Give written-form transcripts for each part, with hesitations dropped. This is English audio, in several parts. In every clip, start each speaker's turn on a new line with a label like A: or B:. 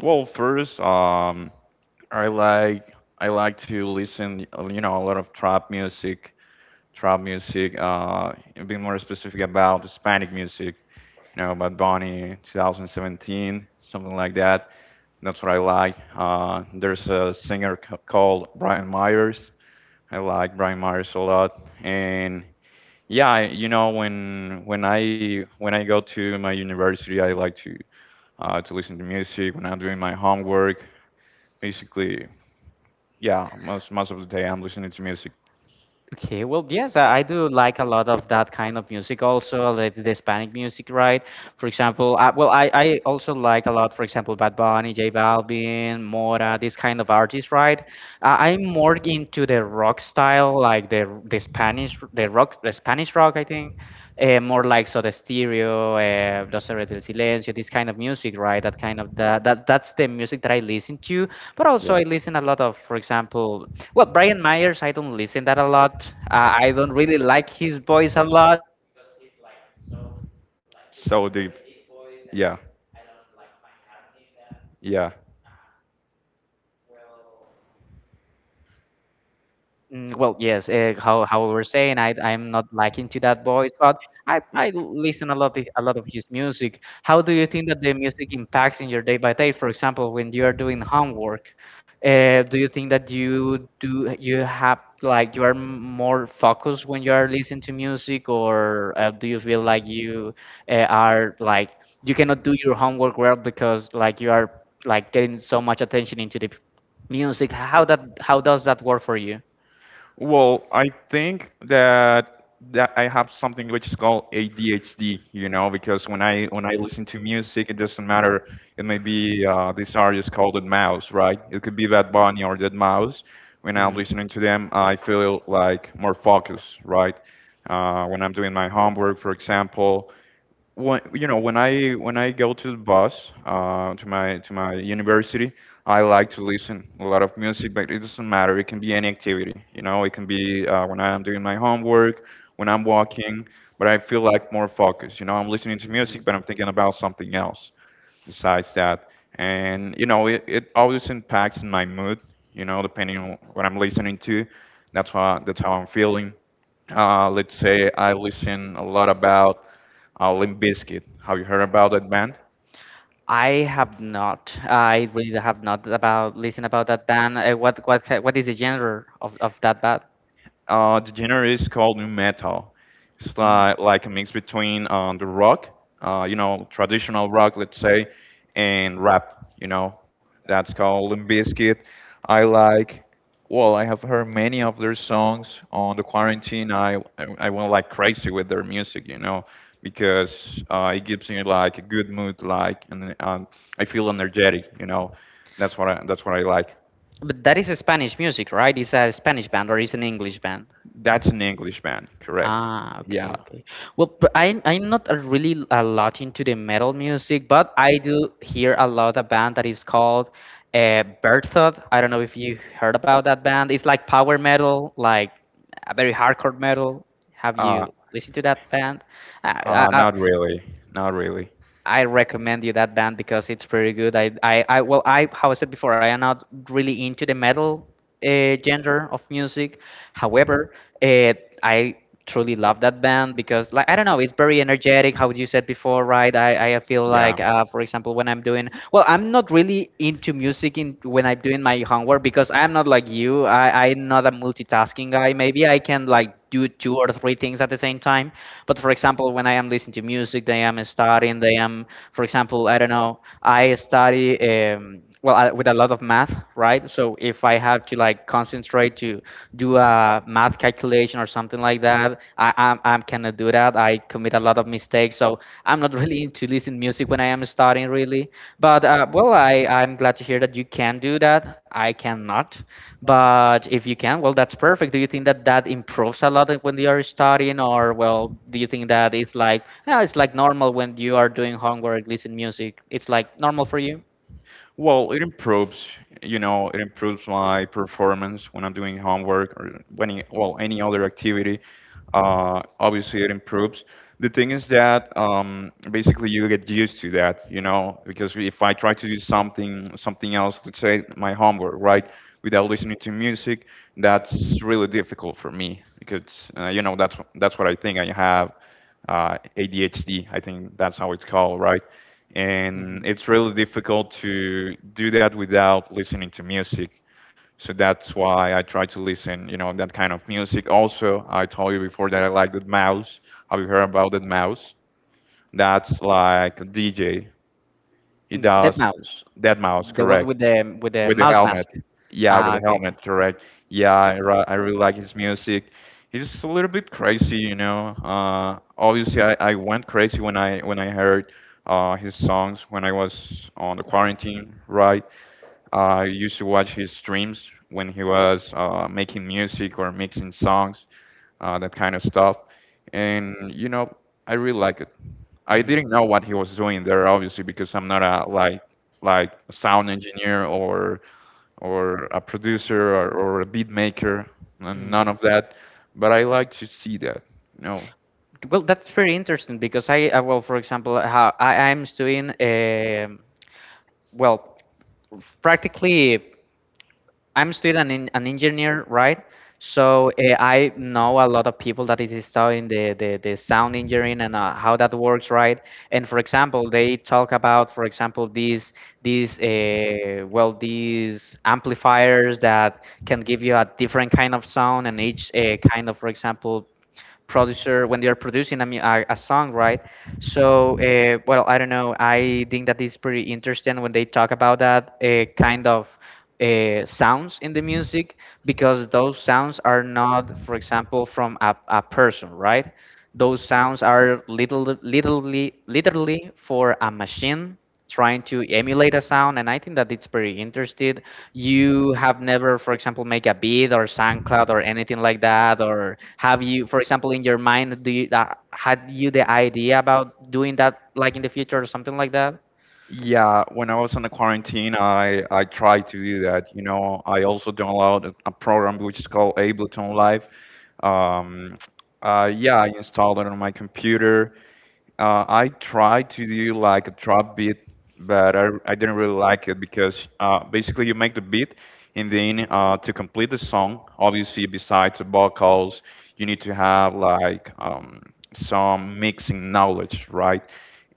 A: First, I like to listen, you know, a lot of trap music. And being more specific about Hispanic music, you know, Bad Bunny, 2017, something like that. That's what I like. There's a singer called Brian Myers. I like Brian Myers a lot, and yeah, when I go to my university, I like to listen to music when I'm doing my homework basically. Yeah, most of the day I'm listening to music. Yeah. So deep. Yeah, yeah.
B: Well. Well, yes, how we were saying, I'm not liking to that voice, but I listen a lot of his music. How do you think that the music impacts in your day by day? For example, when you are doing homework, do you think that you do you have like you are more focused when you are listening to music, or do you feel like you are like you cannot do your homework well because like you are like getting so much attention into the music? How does that work for you?
A: Well, I think that I have something which is called ADHD, you know, because when I listen to music, it doesn't matter. It may be this artist called Dead Mouse, right? It could be Bad Bunny or Dead Mouse. When I'm
B: Hmm, hmm.
A: listening to them, I feel like more focused, right? When I'm doing my homework, for example, when you know, when I go to the bus to my university, I like to listen a lot of music, but it doesn't matter. It can be any activity, you know. It can be when I'm doing my homework, when I'm walking, but I feel like more focused. You know, I'm listening to music, but I'm thinking about something else besides that. And you know, it always impacts my mood. You know, depending on what I'm listening to, that's how I'm feeling. Let's say I listen a lot about Limp Bizkit. Have you heard about that band?
B: I have not. I really have not about listen about that band. What is the genre of that band?
A: The genre is called new metal. It's
B: Mm.
A: like a mix between the rock, you know, traditional rock, let's say, and rap. You know, that's called Limp Bizkit. I like. Well, I have heard many of their songs on the quarantine. I went like crazy with their music, you know, because it gives me like a good mood, like and I feel energetic, you know. That's what I like.
B: But that is a Spanish music, right? It's a Spanish band or it's an English band?
A: That's an Englishman, correct?
B: Ah, okay,
A: Yeah.
B: okay. Well, but I'm not a really a lot into the metal music, but I do hear a lot a band that is called Berthoud. I don't know if you heard about that band. It's like power metal, like a very hardcore metal. Have
A: Uh,
B: you listened to that band? I, I,
A: uh,
B: I
A: not really. Not really.
B: I recommend you that band because it's pretty good. I well, how I said before, I am not really into the metal genre of music. However, uh, I truly love that band because, like, I don't know, it's very energetic. How you said before, right? I feel
A: Yeah.
B: like, for example, when well, I'm not really into music in when I'm doing my homework because I'm not like you. I'm not a multitasking guy. Maybe I can like do two or three things at the same time. But for example, when I am listening to music, they am studying, they am, for example, I don't know, I study well I, with a lot of math, right? So if I have to like concentrate to do a math calculation or something like that, I cannot do that. I commit a lot of mistakes, so I'm not really into listening music when I am studying really. But well, I'm glad to hear that you can do that. I cannot. But if you can, well, that's perfect. Do you think that that improves a lot when you are studying, or well, do you think that it's like, yeah, it's like normal when you are doing homework, listen music? It's like normal for you?
A: Well, it improves, you know, it improves my performance when I'm doing homework or any other activity. Obviously, it improves. The thing is that basically you get used to that, you know, because if I try to do something, something else, let's say my homework, right, without listening to music, that's really difficult for me because, you know, that's what I think I have ADHD. I think that's how it's called, right? And
B: Mhm.
A: it's really difficult to do that without listening to music. So that's why I try to listen, you know, that kind of music. Also, I told you before that I like the mouse. Have you heard about that mouse? That's like a DJ. He
B: Dead
A: does
B: mouse,
A: that mouse,
B: the one
A: correct?
B: with the
A: With the
B: mouse
A: helmet.
B: mask. Yeah.
A: Yeah, with
B: Ah,
A: the
B: okay, okay.
A: helmet, correct. Yeah, I really like his music. He's a little bit crazy, you know. Obviously, I went crazy when I heard his songs when I was on the quarantine, right? I used to watch his streams when he was making music or mixing songs, that kind of stuff. And you know, I really like it. I
B: Mm.
A: didn't know what he was doing there, obviously, because I'm not a like a sound engineer or a producer, or a beat maker and
B: Mm.
A: none of that, but I like to see that, you know.
B: Well, that's very interesting because well, for example, how I'm studying, well, practically, I'm still an engineer, right? So I know a lot of people that is studying the sound engineering and how that works, right? And for example, they talk about, for example, these well these amplifiers that can give you a different kind of sound, and each kind of, for example, producer when they are producing a song, right? So, well, I don't know. I think that is pretty interesting when they talk about that kind of sounds in the music, because those sounds are not, for example, from a person, right? Those sounds are literally for a machine trying to emulate a sound, and I think that it's very interesting. You have never, for example, make a beat or SoundCloud or anything like that, or have you, for example, in your mind, do you had you the idea about doing that, like in the future or something like that?
A: Yeah, when I was on the quarantine, I tried to do that, you know. I also downloaded a program which is called Ableton Live. um yeah, I installed it on my computer. I tried to do like a trap beat, but I didn't really like it because basically you make the beat and then to complete the song, obviously besides the vocals, you need to have like some mixing knowledge, right?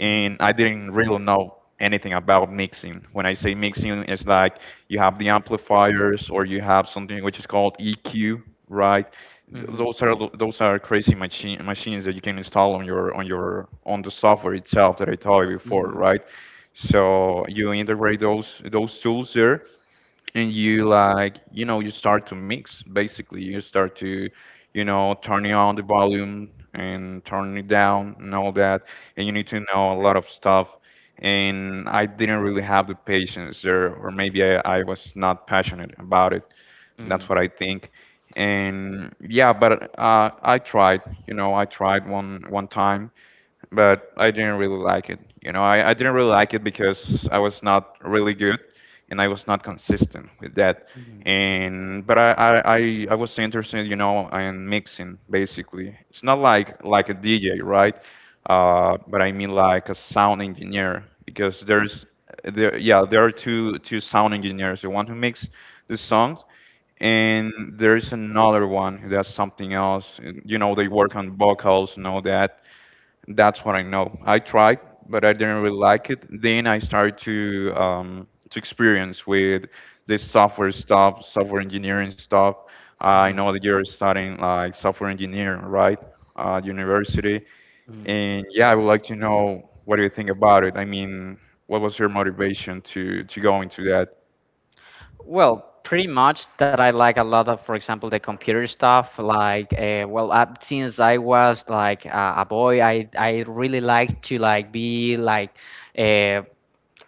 B: Mhm.
A: I didn't really know anything about mixing. When I say mixing, it's like you have the amplifiers or you have something which is called EQ, right?
B: Hmm,
A: Th-
B: hmm, hmm,
A: Those are lo- those are crazy machines that you can install on your on the software itself that I told you before, right? So you integrate those tools there, and you like you know you start to mix. Basically, you start to you know turning on the volume and turning it down and all that, and you need to know a lot of stuff. And I didn't really have the patience there, or maybe I was not passionate about it.
B: hmm,
A: That's what I think. And yeah, but I tried, you know, I tried one time, but I didn't really like it. You know, I didn't really like it because I was not really good and I was not consistent with that. And but I was interested, you know, in mixing basically. It's not like a DJ, right? But I mean like a sound engineer because there's there yeah, there are two sound engineers, the one who makes the songs and there's another one who does something else. You know, they work on vocals and all that. That's what I know. I tried, but I didn't really like it. Then I started to experience with this software stuff, software engineering stuff. I know that you're studying like software engineering, right? At university.
B: hmm,
A: And yeah, I would like to know, what do you think about it?
B: hmm.
A: I mean, what was your motivation to go into that?
B: Well, pretty much that I like a lot of, for example, the computer stuff. Like, well, since I was like a boy, I really like to like be like, uh,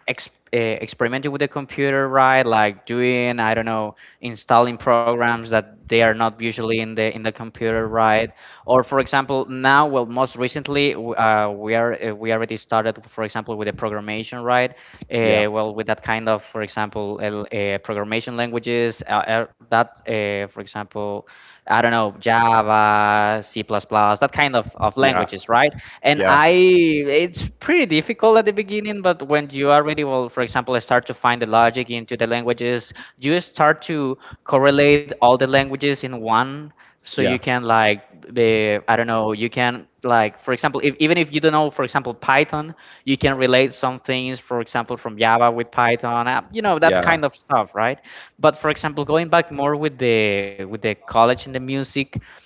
B: experimenting with the computer, right? Like doing, I don't know, installing programs that they are not usually in the computer, right? Or for example, now, well, most recently, we already started, for example, with the programmation, right?
A: Yeah,
B: Well, with that kind of, for example, programmation languages, that, for example, I don't know, Java, C++, that kind of
A: yeah,
B: languages, right? And
A: yeah.
B: it's pretty difficult at the beginning, but when you already will, for example, start to find the logic into the languages, you start to correlate all the languages in one, so you
A: Yeah.
B: can like be, I don't know, you can like, for example, if even if you don't know, for example, Python, you can relate some things, for example, from Java with Python, that
A: Yeah.
B: kind of stuff, right? But for example, going back more with the college and the music,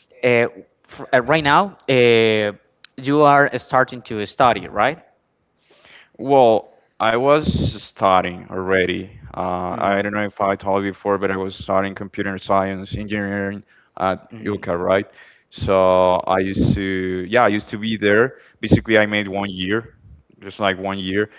B: uh, right now, you are starting to study, right?
A: Well, I was studying already. I
B: Hmm,
A: don't know if I told you before, but I was studying computer science engineering at
B: hmm,
A: UCA, right? So I used to, yeah, I used to be there. Basically, I made one year, just like one year,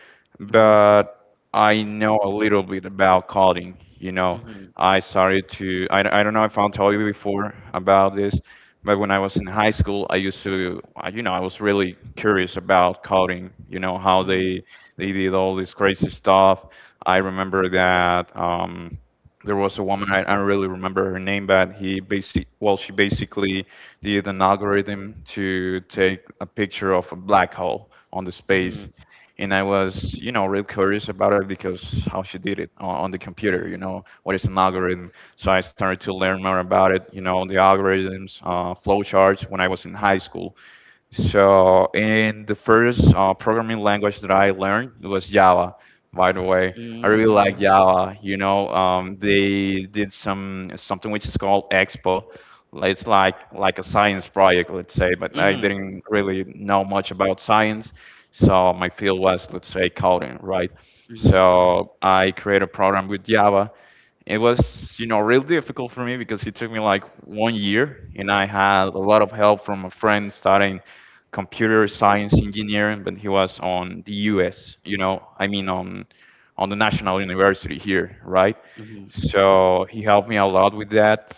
A: but I know a little bit about coding. You know,
B: hmm.
A: I started to, I don't know if I'll tell you before about this, but when I was in high school, I used to, you know, I was really curious about coding, you know, how they did all this crazy stuff. I remember that there was a woman, I don't really remember her name, but she basically did an algorithm to take a picture of a black hole on the space.
B: Mhm.
A: And I was, you know, real curious about it because how she did it on the computer, you
B: Mhm.
A: know, what is an algorithm. So I started to learn more about it, you know, the algorithms, flowcharts when I was in high school. So, in the first programming language that I learned, it was Java. By the way, I really like
B: Really?
A: Java. You know, they did some something which is called Expo. It's like a science project, let's say. But I
B: Mhm.
A: didn't really know much about science, so my field was, let's say, coding, right?
B: Mhm.
A: So I created a program with Java. It was, you know, real difficult for me because it took me like one year, and I had a lot of help from a friend studying computer science engineering, but he was on the U.S. You know, I mean on the national university here, right?
B: Mhm.
A: So he helped me a lot with that.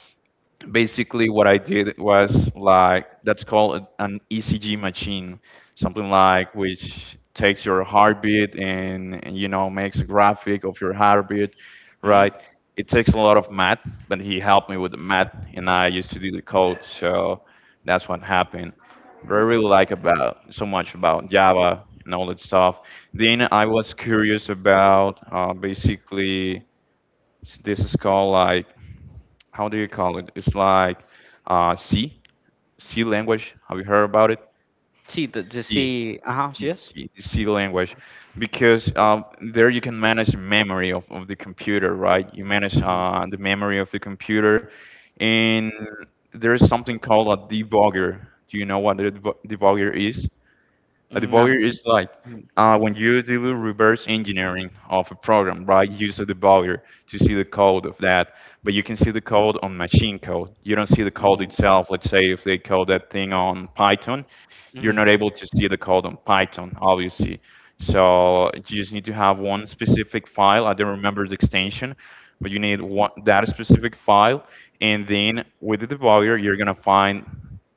A: Basically what I did was like, that's called an ECG machine, something like which takes your heartbeat and you know makes a graphic of your heartbeat, right? It takes a lot of math, but he helped me with the math, and I used to do the code, so that's what happened. But I really like about so much about Java and all that stuff. Then I was curious about basically this is called like, how do you call it? It's like C, C language. Have you heard about it?
B: Sí,
A: C,
B: sí, ajá, sí
A: it's
B: es.
A: C, it's C language, because there you can manage the memory of the computer, right? You manage
B: Ujú.
A: the memory of the computer, and there is something called a debugger. Do you know what a debugger is? A debugger is like
B: Ujú.
A: when you do reverse engineering of a program, right? You use a debugger to see the code of that, but you can see the code on machine code. You don't see the code
B: Ujú.
A: itself. Let's say if they code that thing on Python, you're
B: Hmm,
A: not able to see the code on Python, obviously. So you just need to have one specific file. I don't remember the extension, but you need one, that specific file, and then with the debugger, you're gonna find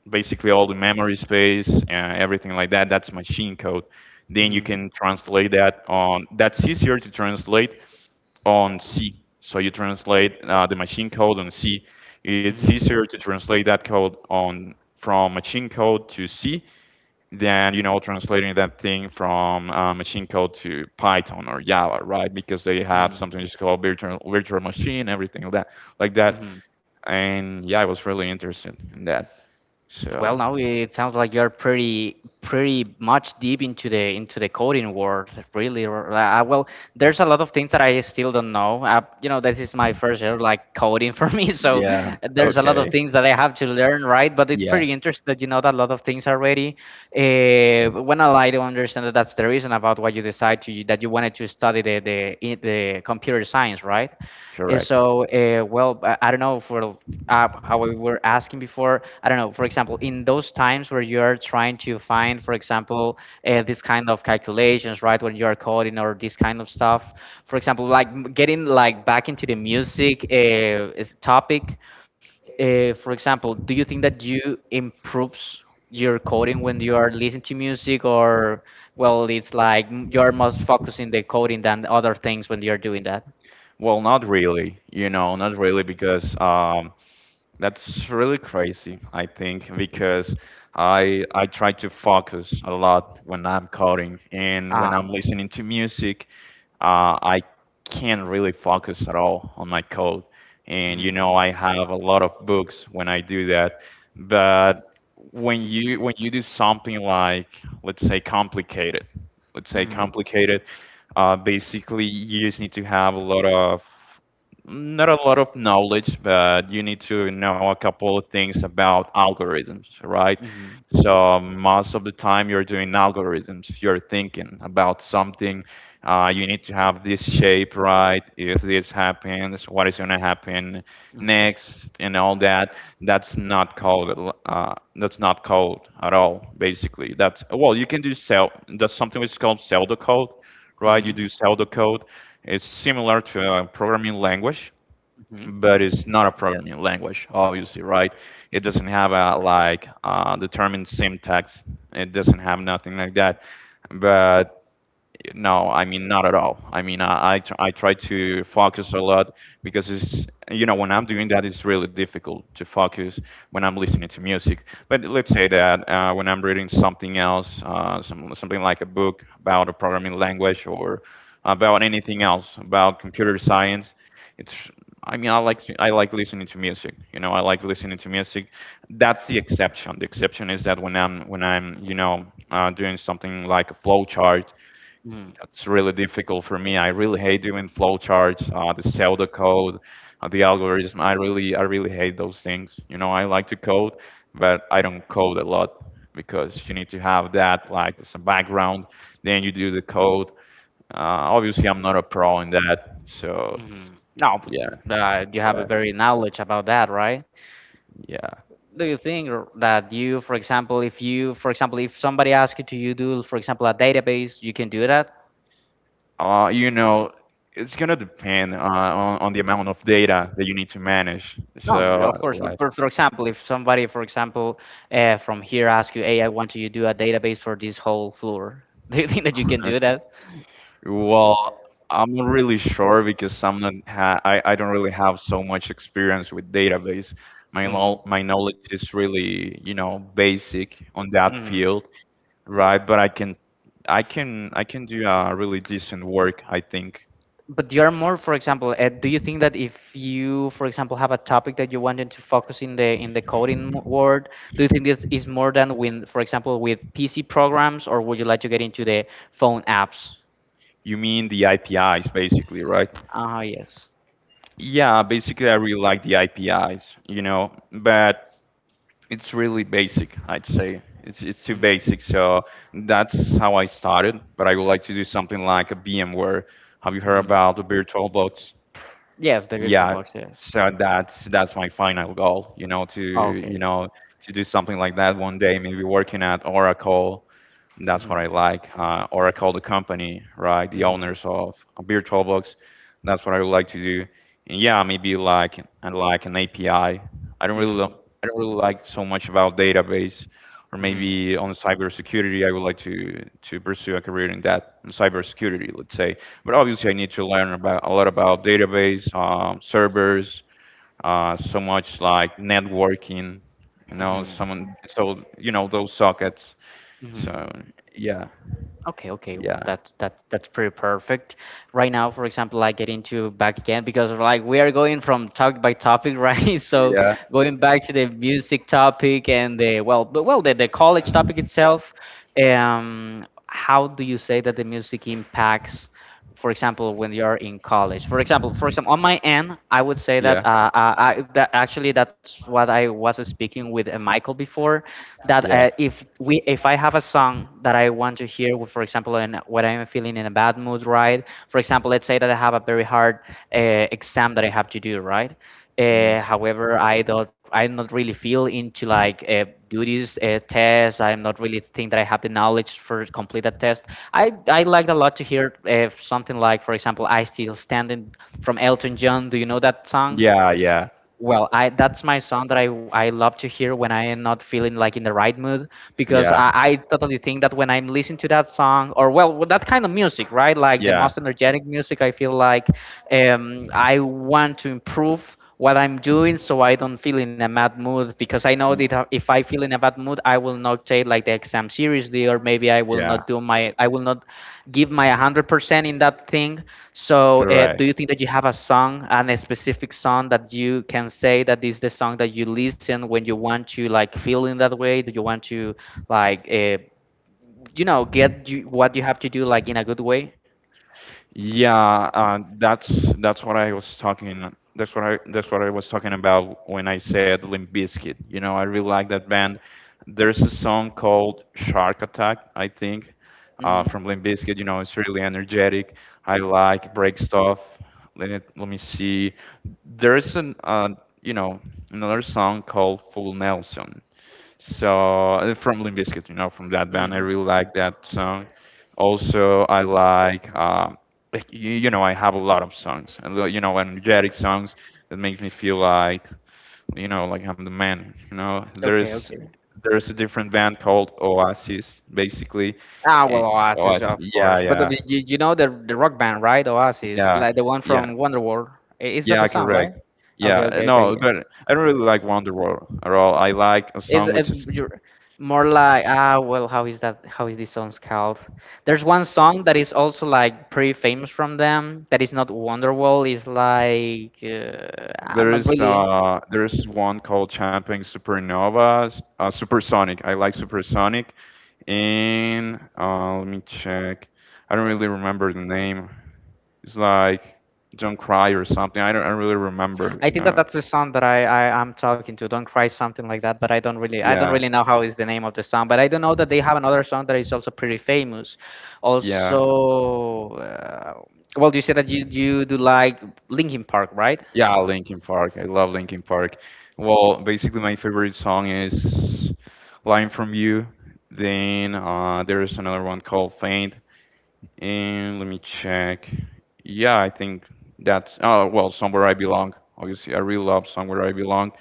A: basically all the memory space, everything like that. That's machine code. Then you can translate that on. That's easier to translate on C. So you translate the machine code on C. It's
B: hmm,
A: easier to translate that code
B: hmm.
A: on from machine code to C than you know translating that thing from machine code to Python or Java, right? Because they have
B: Mm.
A: something just called virtual machine, everything like that, like that.
B: Hmm.
A: And yeah, I was really interested in that. So
B: Well, now it sounds like you're pretty much deep into the coding world, really. Well, there's a lot of things that I still don't know. This is my first year like coding for me, so
A: yeah,
B: there's a lot of
A: okay.
B: things that I have to learn, right? But it's
A: Yeah,
B: pretty interesting that you know that a lot of things already. When I like to understand that that's the reason about why you decide to that you wanted to study the computer science, right?
A: correct.
B: So, well, I don't know for how we were asking before. I don't know, for example, in those times where you are trying to find, for example, this kind of calculations, right? When you are coding or this kind of stuff, for example, like getting like back into the music, is topic, for example, do you think that you improves your coding when you are listening to music, or well it's like you're most focused in the coding than other things when you're doing that?
A: Well, not really, you know, not really because that's really crazy, I think, because I try to focus a lot when I'm coding and when I'm
B: Ah.
A: listening to music, I can't really focus at all on my code. And you know,
B: Mhm.
A: I have a lot of books when I do that. But when you do something like, let's say complicated, let's say
B: Mm.
A: complicated basically, you just need to have a lot of not a lot of knowledge, but you need to know a couple of things about algorithms, right?
B: Mhm.
A: So most of the time you're doing algorithms, you're thinking about something. You need to have this shape right. If this happens, what is going to happen
B: Mhm.
A: next, and all that. That's not code at all. Basically, that's well, you can do cell. That's something which is called pseudocode, right? You
B: Mhm.
A: do pseudo code. It's similar to a programming language,
B: Mhm.
A: but it's not a programming language, obviously, right? It doesn't have a like determined syntax. It doesn't have nothing like that. But no, I mean not at all. I mean I try to focus a lot because it's you know when I'm doing that it's really difficult to focus when I'm listening to music. But let's say that when I'm reading something else, something like a book about a programming language or about anything else about computer science, it's I mean I like listening to music. You know I like listening to music. That's the exception. The exception is that when I'm you know doing something like a flowchart.
B: Mhm.
A: That's really difficult for me. I really hate doing flowcharts, the pseudo code, the algorithm. I really hate those things. You know, I like to code, but I don't code a lot because you need to have that like as a background. Then you do the code. Obviously, I'm not a pro in that, so
B: Mhm. No,
A: yeah,
B: but, you have a
A: yeah,
B: very knowledge about that, right?
A: yeah.
B: Do you think that you, for example, if you, for example, if somebody asks you to you do, for example, a database, you can do that?
A: You know, it's gonna depend on the amount of data that you need to manage.
B: No,
A: So
B: of course. But
A: like.
B: for example, if somebody, for example, from here asks you, hey, I want you to do a database for this whole floor, do you think that you can do that?
A: Well, I'm not really sure because I'm not ha I don't really have so much experience with database.
B: Mhm.
A: My knowledge is really, you know, basic on that
B: Mhm.
A: field, right? But I can I can do a really decent work, I think.
B: But you are more, for example, do you think that if you, for example, have a topic that you wanted to focus in the coding world, do you think this is more than when, for example, with PC programs, or would you like to get into the phone apps?
A: You mean the IPIs basically, right?
B: Ah, yes.
A: Yeah, basically I really like the IPIs, you know, but it's really basic. I'd say it's too
B: Mhm.
A: basic, so that's how I started. But I would like to do something like a VMware. Have you heard
B: Mhm.
A: about the virtual box
B: Yes, the virtual
A: yeah,
B: box, yes.
A: so that's my final goal, you know, to you
B: Okay.
A: know to do something like that one day, maybe working at Oracle. That's what I
B: Mhm.
A: like. Or I call the company, right? The
B: Mhm.
A: owners of VirtualBox. That's what I would like to do. And yeah, maybe like and like an API. I don't really
B: Mhm.
A: I don't really like so much about database, or
B: Mhm.
A: maybe on cybersecurity. I would like to pursue a career in that, in cybersecurity, let's say. But obviously, I need to learn about a lot about database, servers, so much like networking. You know,
B: Mhm.
A: someone so you know those sockets.
B: Mhm.
A: So yeah,
B: Okay, okay, well,
A: yeah,
B: that's that's pretty perfect. Right now, for example, I get into back again because like we are going from topic by topic, right? So
A: yeah,
B: going back to the music topic, and the well, but well, the college topic itself. Um, how do you say that the music impacts, for example, when you're in college, for example, on my end, I would say that
A: yeah,
B: actually, that's what I was speaking with Michael before, that
A: yeah,
B: if I have a song that I want to hear, for example, in when I'm feeling in a bad mood, right, for example, let's say that I have a very hard exam that I have to do, right?
A: mm,
B: However, I'm not really feel into like duties tests. I'm not really think that I have the knowledge for complete that test. I liked a lot to hear something like, for example, "I Still Standing" from Elton John. Do you know that song?
A: yeah, yeah.
B: Well, I that's my song that I love to hear when I am not feeling like in the right mood, because
A: Yeah.
B: I totally think that when I'm listening to that song, or well with that kind of music, right? Like the
A: Yeah.
B: most energetic music, I feel like I want to improve what I'm doing so I don't feel in a bad mood because I know
A: Y-
B: that if I feel in a bad mood, I will not take like the exam seriously or maybe I will
A: Yeah.
B: not do my I will not give my 100% in that thing. So, do
A: Correct.
B: you think that you have a song, and a specific song that you can say that is the song that you listen when you want to like feel in that way? Do you want to like, you know, get you, what you have to do like in a good way?
A: Yeah, that's what I was talking. That's what I was talking about when I said Limp Bizkit. You know, I really like that band. There's a song called Shark Attack, I think,
B: Mm-hmm.
A: from Limp Bizkit. You know, it's really energetic. I like Break Stuff. Let me see. There's an you know another song called Full Nelson. So from Limp Bizkit, you know, from that band, I
B: Mm.
A: really like that song. Also, I like, you know, I have a lot of songs, and you know, energetic songs that make me feel like, you know, like I'm the man. You know,
B: Okay, okay.
A: there is a different band called Oasis, basically.
B: Ah,
A: Eh,
B: well, Oasis,
A: Oasis,
B: of
A: yeah,
B: course. But the,
A: yeah,
B: you know the rock band, right? Oasis,
A: yeah,
B: like the one
A: yeah,
B: from Wonderworld. Is that
A: yeah,
B: the song, right?
A: correct.
B: Okay,
A: Yeah,
B: okay, okay.
A: no,
B: Yeah.
A: but I don't really like Wonderwall at all. I like a
B: It's
A: song which is
B: you're more like ah well how is that how is this song's called? There's one song that is also like pretty famous from them that is not Wonderwall. Is like I'm
A: there
B: not
A: is
B: really.
A: one called Champagne Supernova, Supersonic. I like Supersonic. And let me check. I don't really remember the name. It's like Don't Cry or something. I don't really remember,
B: I
A: you
B: think that
A: know.
B: that's the song that I I'm talking to. Don't cry, something like that. But I don't
A: Yeah.
B: really know how is the name of the song. But I do not know that they have another song that is also pretty famous.
A: Yeah.
B: Also, well, you said that you do like Linkin Park, right?
A: Yeah, Linkin Park. I love Linkin Park. Well, basically my favorite song is Line from You. Then there is another one called Faint. And let me check. Yeah, I think that's oh well, Somewhere I Belong. Obviously, I really love Somewhere I Belong.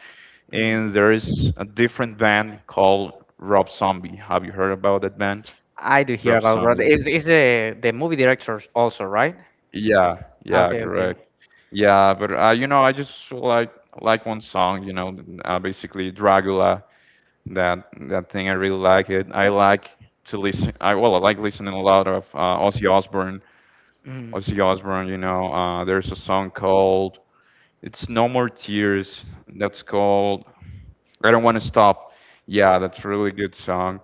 A: And
B: Mm.
A: there is a different band called Rob Zombie. Have you heard about that band?
B: I do hear
A: Rob
B: about Rod.
A: Zombie.
B: Is the movie director also, right?
A: Yeah, yeah,
B: Okay, okay.
A: correct. Yeah, but you know, I just like one song. You know, basically Dracula. That that thing I really like it. I like to listen. I well, I like listening a lot of Ozzy Osbourne.
B: Mm.
A: Ozzy Osbourne, you know, there's a song called "It's No More Tears" that's called "I Don't Want to Stop." Yeah, that's a really good song,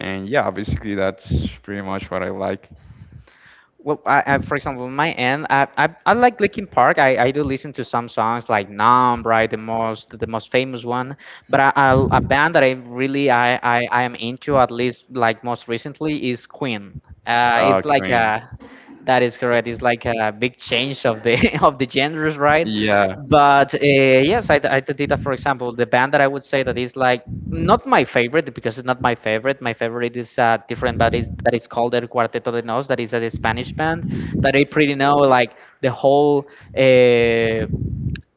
A: and yeah, basically that's pretty much what I like.
B: Well, I for example, on my end, I like Linkin Park. I do listen to some songs like Numb, right, the most famous one. But I a band that I really I I am into at least like most recently is Queen. It's like
A: Queen.
B: a that is correct. It's like a big change of the of the genres, right?
A: Yeah,
B: But yes, I did that. For example, the band that I would say that is like not my favorite because it's not my favorite. My favorite is different, but is that is called El Cuarteto de Nos. That is a Spanish band that I pretty know like the whole. Uh,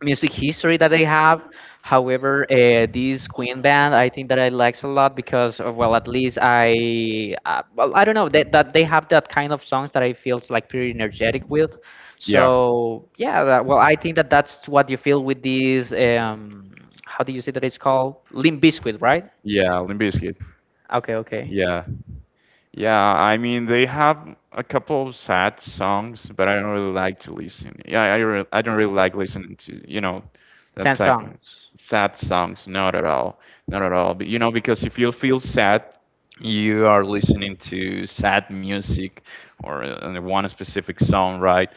B: music history that they have. However, this Queen band, I think that I likes a lot because, well, at least I, well, I don't know that they have that kind of songs that I feels like pretty energetic with.
A: yeah,
B: So yeah, that, well, I think that that's what you feel with these. How do you say that it's called? Limp Bizkit, right?
A: yeah. Limp Bizkit.
B: Okay, okay.
A: Yeah, yeah, I mean they have a couple of sad songs, but I don't really like to listen. Yeah, I don't really like listening to, you know, that
B: Ten
A: type of
B: songs.
A: sad songs. Not at all. Not at all. But you know, because if you feel sad, you are listening to sad music or one specific song, right?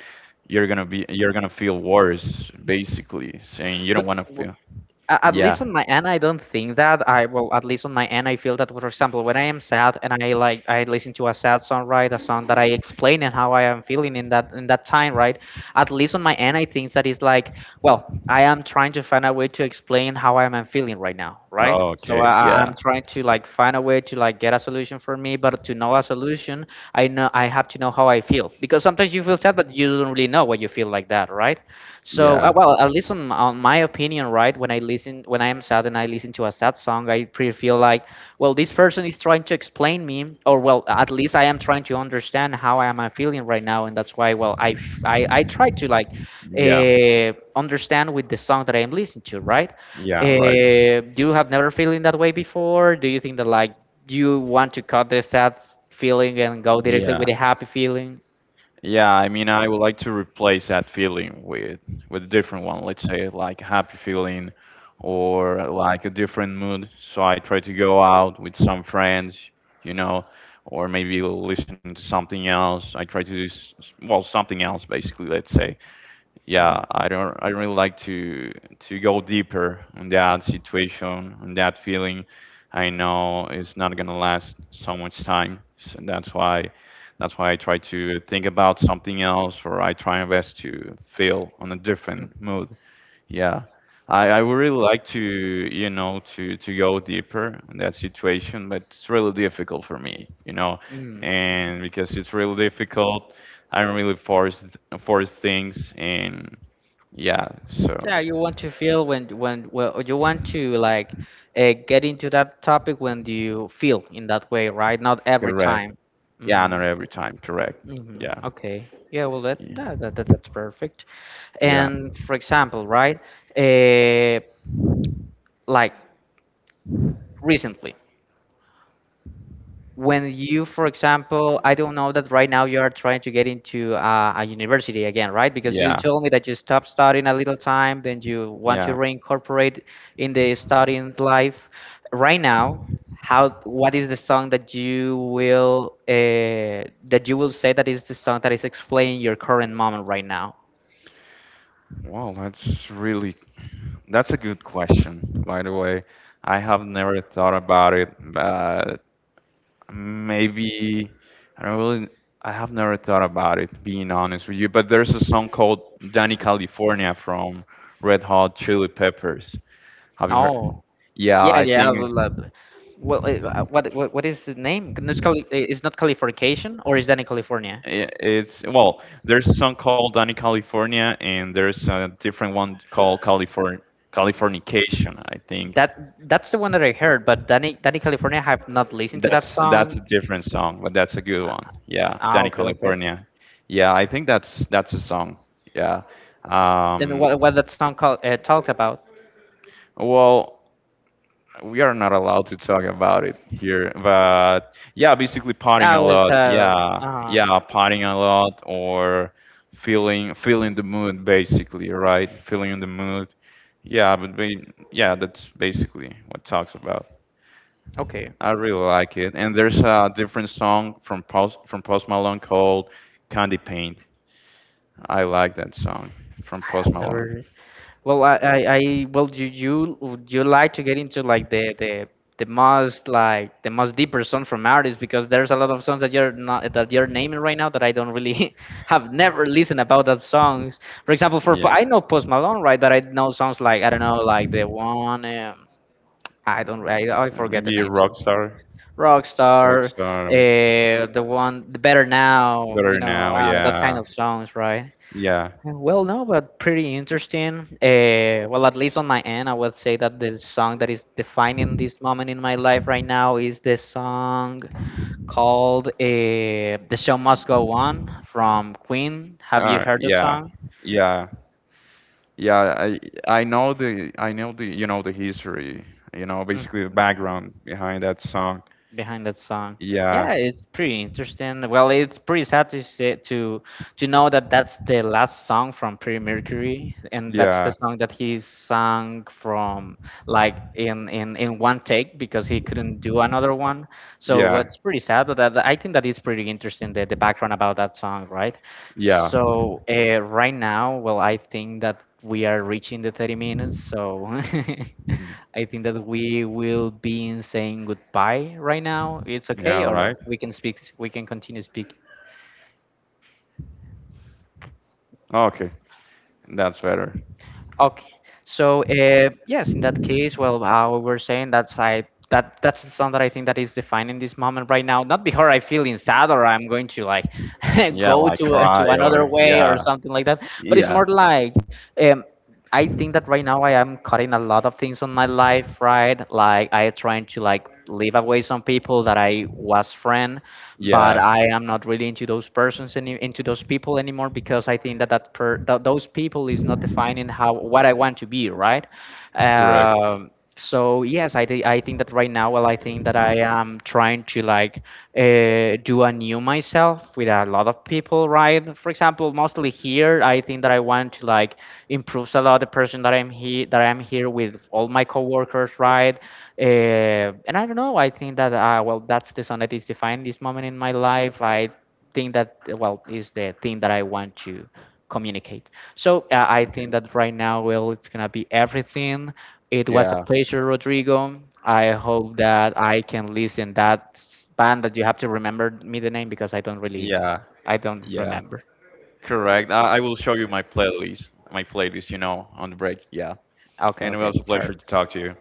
A: You're gonna feel worse, basically, saying you
B: But
A: don't want to feel.
B: at least
A: Yeah.
B: on my end I don't think that I well at least on my end I feel that for example when I am sad and I listen to a sad song, right? A song that I explain and how I am feeling in that time, right? At least on my end I think that is like well, I am trying to find a way to explain how I am feeling right now, right?
A: Oh,
B: So
A: okay. Yeah.
B: I'm trying to like find a way to like get a solution for me, but to know a solution, I know I have to know how I feel because sometimes you feel sad, but you don't really know what you feel like that, right? So
A: Yeah.
B: well, at least on, my opinion, right? When I listen, when I am sad and I listen to a sad song, I pretty feel like, well, this person is trying to explain me, or well, at least I am trying to understand how I am feeling right now, and that's why, well, I f- I try to like
A: Yeah.
B: understand with the song that I'm listening to, right?
A: Yeah. Right.
B: You have never feeling that way before? Do you think that like you want to cut the sad feeling and go directly
A: Yeah.
B: with the happy feeling?
A: Yeah, I mean, I would like to replace that feeling with a different one. Let's say like a happy feeling or like a different mood. So I try to go out with some friends, you know, or maybe listening to something else. I try to do well something else basically, let's say yeah,
B: Mm,
A: I don't really like to go deeper on that situation, on that feeling. I know it's not gonna last so much time, so that's why I try to think about something else, or I try my best to feel on a
B: mm,
A: different mood. Yeah, I would really like to, you know, to go deeper on that situation, but it's really difficult for me, you know,
B: mm.
A: and because it's really difficult, I'm really force things, and yeah, so
B: Yeah, you want to feel when well you want to like get into that topic when you feel in that way, right? Not every
A: correct.
B: time.
A: Yeah, not
B: Hmm.
A: every time, correct.
B: Hmm.
A: Yeah,
B: Okay. Yeah. Well, that,
A: yeah,
B: that that that that's perfect.
A: yeah,
B: And for example, right? Uh, like recently when you for example I don't know that right now you are trying to get into a university again, right? Because you
A: yeah.
B: told me that you stopped studying a little time then you want to
A: Yeah.
B: reincorporate in the studying life right now. How what is the song that you will say that is the song that is explaining your current moment right now?
A: Well, that's a good question, by the way. I have never thought about it, but maybe I don't really. I have never thought about it, being honest with you. But there's a song called "Danny California" from Red Hot Chili Peppers. Have you heard?
B: Oh
A: Yeah,
B: yeah,
A: I
B: yeah. Well,
A: think
B: would love- what, what is the name? No, it's, called, it's not Californication, or is that in California?
A: it's well. There's a song called "Danny California" and there's a different one called "California Californication." I think
B: That that's the one that I heard, but Danny California I have not listened to that
A: that's
B: song.
A: a different song, but that's a good one. Yeah,
B: Ah,
A: "Danny
B: okay, okay.
A: California." Yeah, I think that's a song. Yeah.
B: And
A: Um,
B: what that song called talked about?
A: well, we are not allowed to talk about it here, but yeah, basically partying a
B: Oh, it's
A: lot. Yeah,
B: uh
A: yeah, partying a lot or feeling the mood basically, right? Feeling in the mood. Yeah, but yeah, that's basically what it talks about.
B: okay.
A: I really like it. And there's a different song from Post Malone called Candy Paint. I like that song from
B: I
A: Post
B: have
A: Malone.
B: never. Well, I well, do you would you like to get into like the the most like the most deeper song from artists because there's a lot of songs that you're not that you're naming right now that I don't really have never listened about that songs. For example,
A: Yeah.
B: I know Post Malone, right? That I know songs like I don't know like the one. I don't I
A: So
B: forget the
A: maybe a
B: names.
A: rock
B: Of-
A: star.
B: Rockstar,
A: Rockstar.
B: the one, the Better Now, you
A: Better
B: know,
A: now,
B: that kind
A: yeah,
B: of songs, right?
A: yeah,
B: Well, no, but pretty interesting. Well, at least on my end, I would say that the song that is defining this moment in my life right now is the song called "The Show Must Go On" from Queen. Have you heard the
A: yeah,
B: song?
A: yeah, yeah. I know the you know the history, you know, basically the
B: Mhm.
A: background behind that song.
B: Behind that song. Yeah,
A: Yeah,
B: it's pretty interesting. Well, it's pretty sad to say to know that that's the last song from Freddie Mercury, and that's the
A: yeah,
B: song that he sung from like in one take because he couldn't do another one. So
A: yeah,
B: it's pretty sad, but that, I think that is pretty interesting the background about that song, right?
A: yeah,
B: So right now, well, I think that we are reaching the 30 minutes. So
A: mm,
B: I think that we will be in saying goodbye right now. It's
A: yeah.
B: okay, or
A: Right.
B: we can speak. We can continue speak.
A: Okay, that's better.
B: Okay. So, yes, in that case, well, how we were saying that's I that that's the song that I think that is defining this moment right now. Not because I feeling sad or I'm going to like
A: Yeah,
B: go
A: like
B: to
A: cry
B: to another
A: or
B: way or
A: yeah,
B: something like that. But it's
A: yeah,
B: more like um, I think that right now I am cutting a lot of things on my life, right? Like I try
A: yeah. Correct. Okay. Yeah, yeah, yeah. Correct. I will show you my playlist. My playlist, you know, on the break. Yeah. And it was a pleasure to talk to you.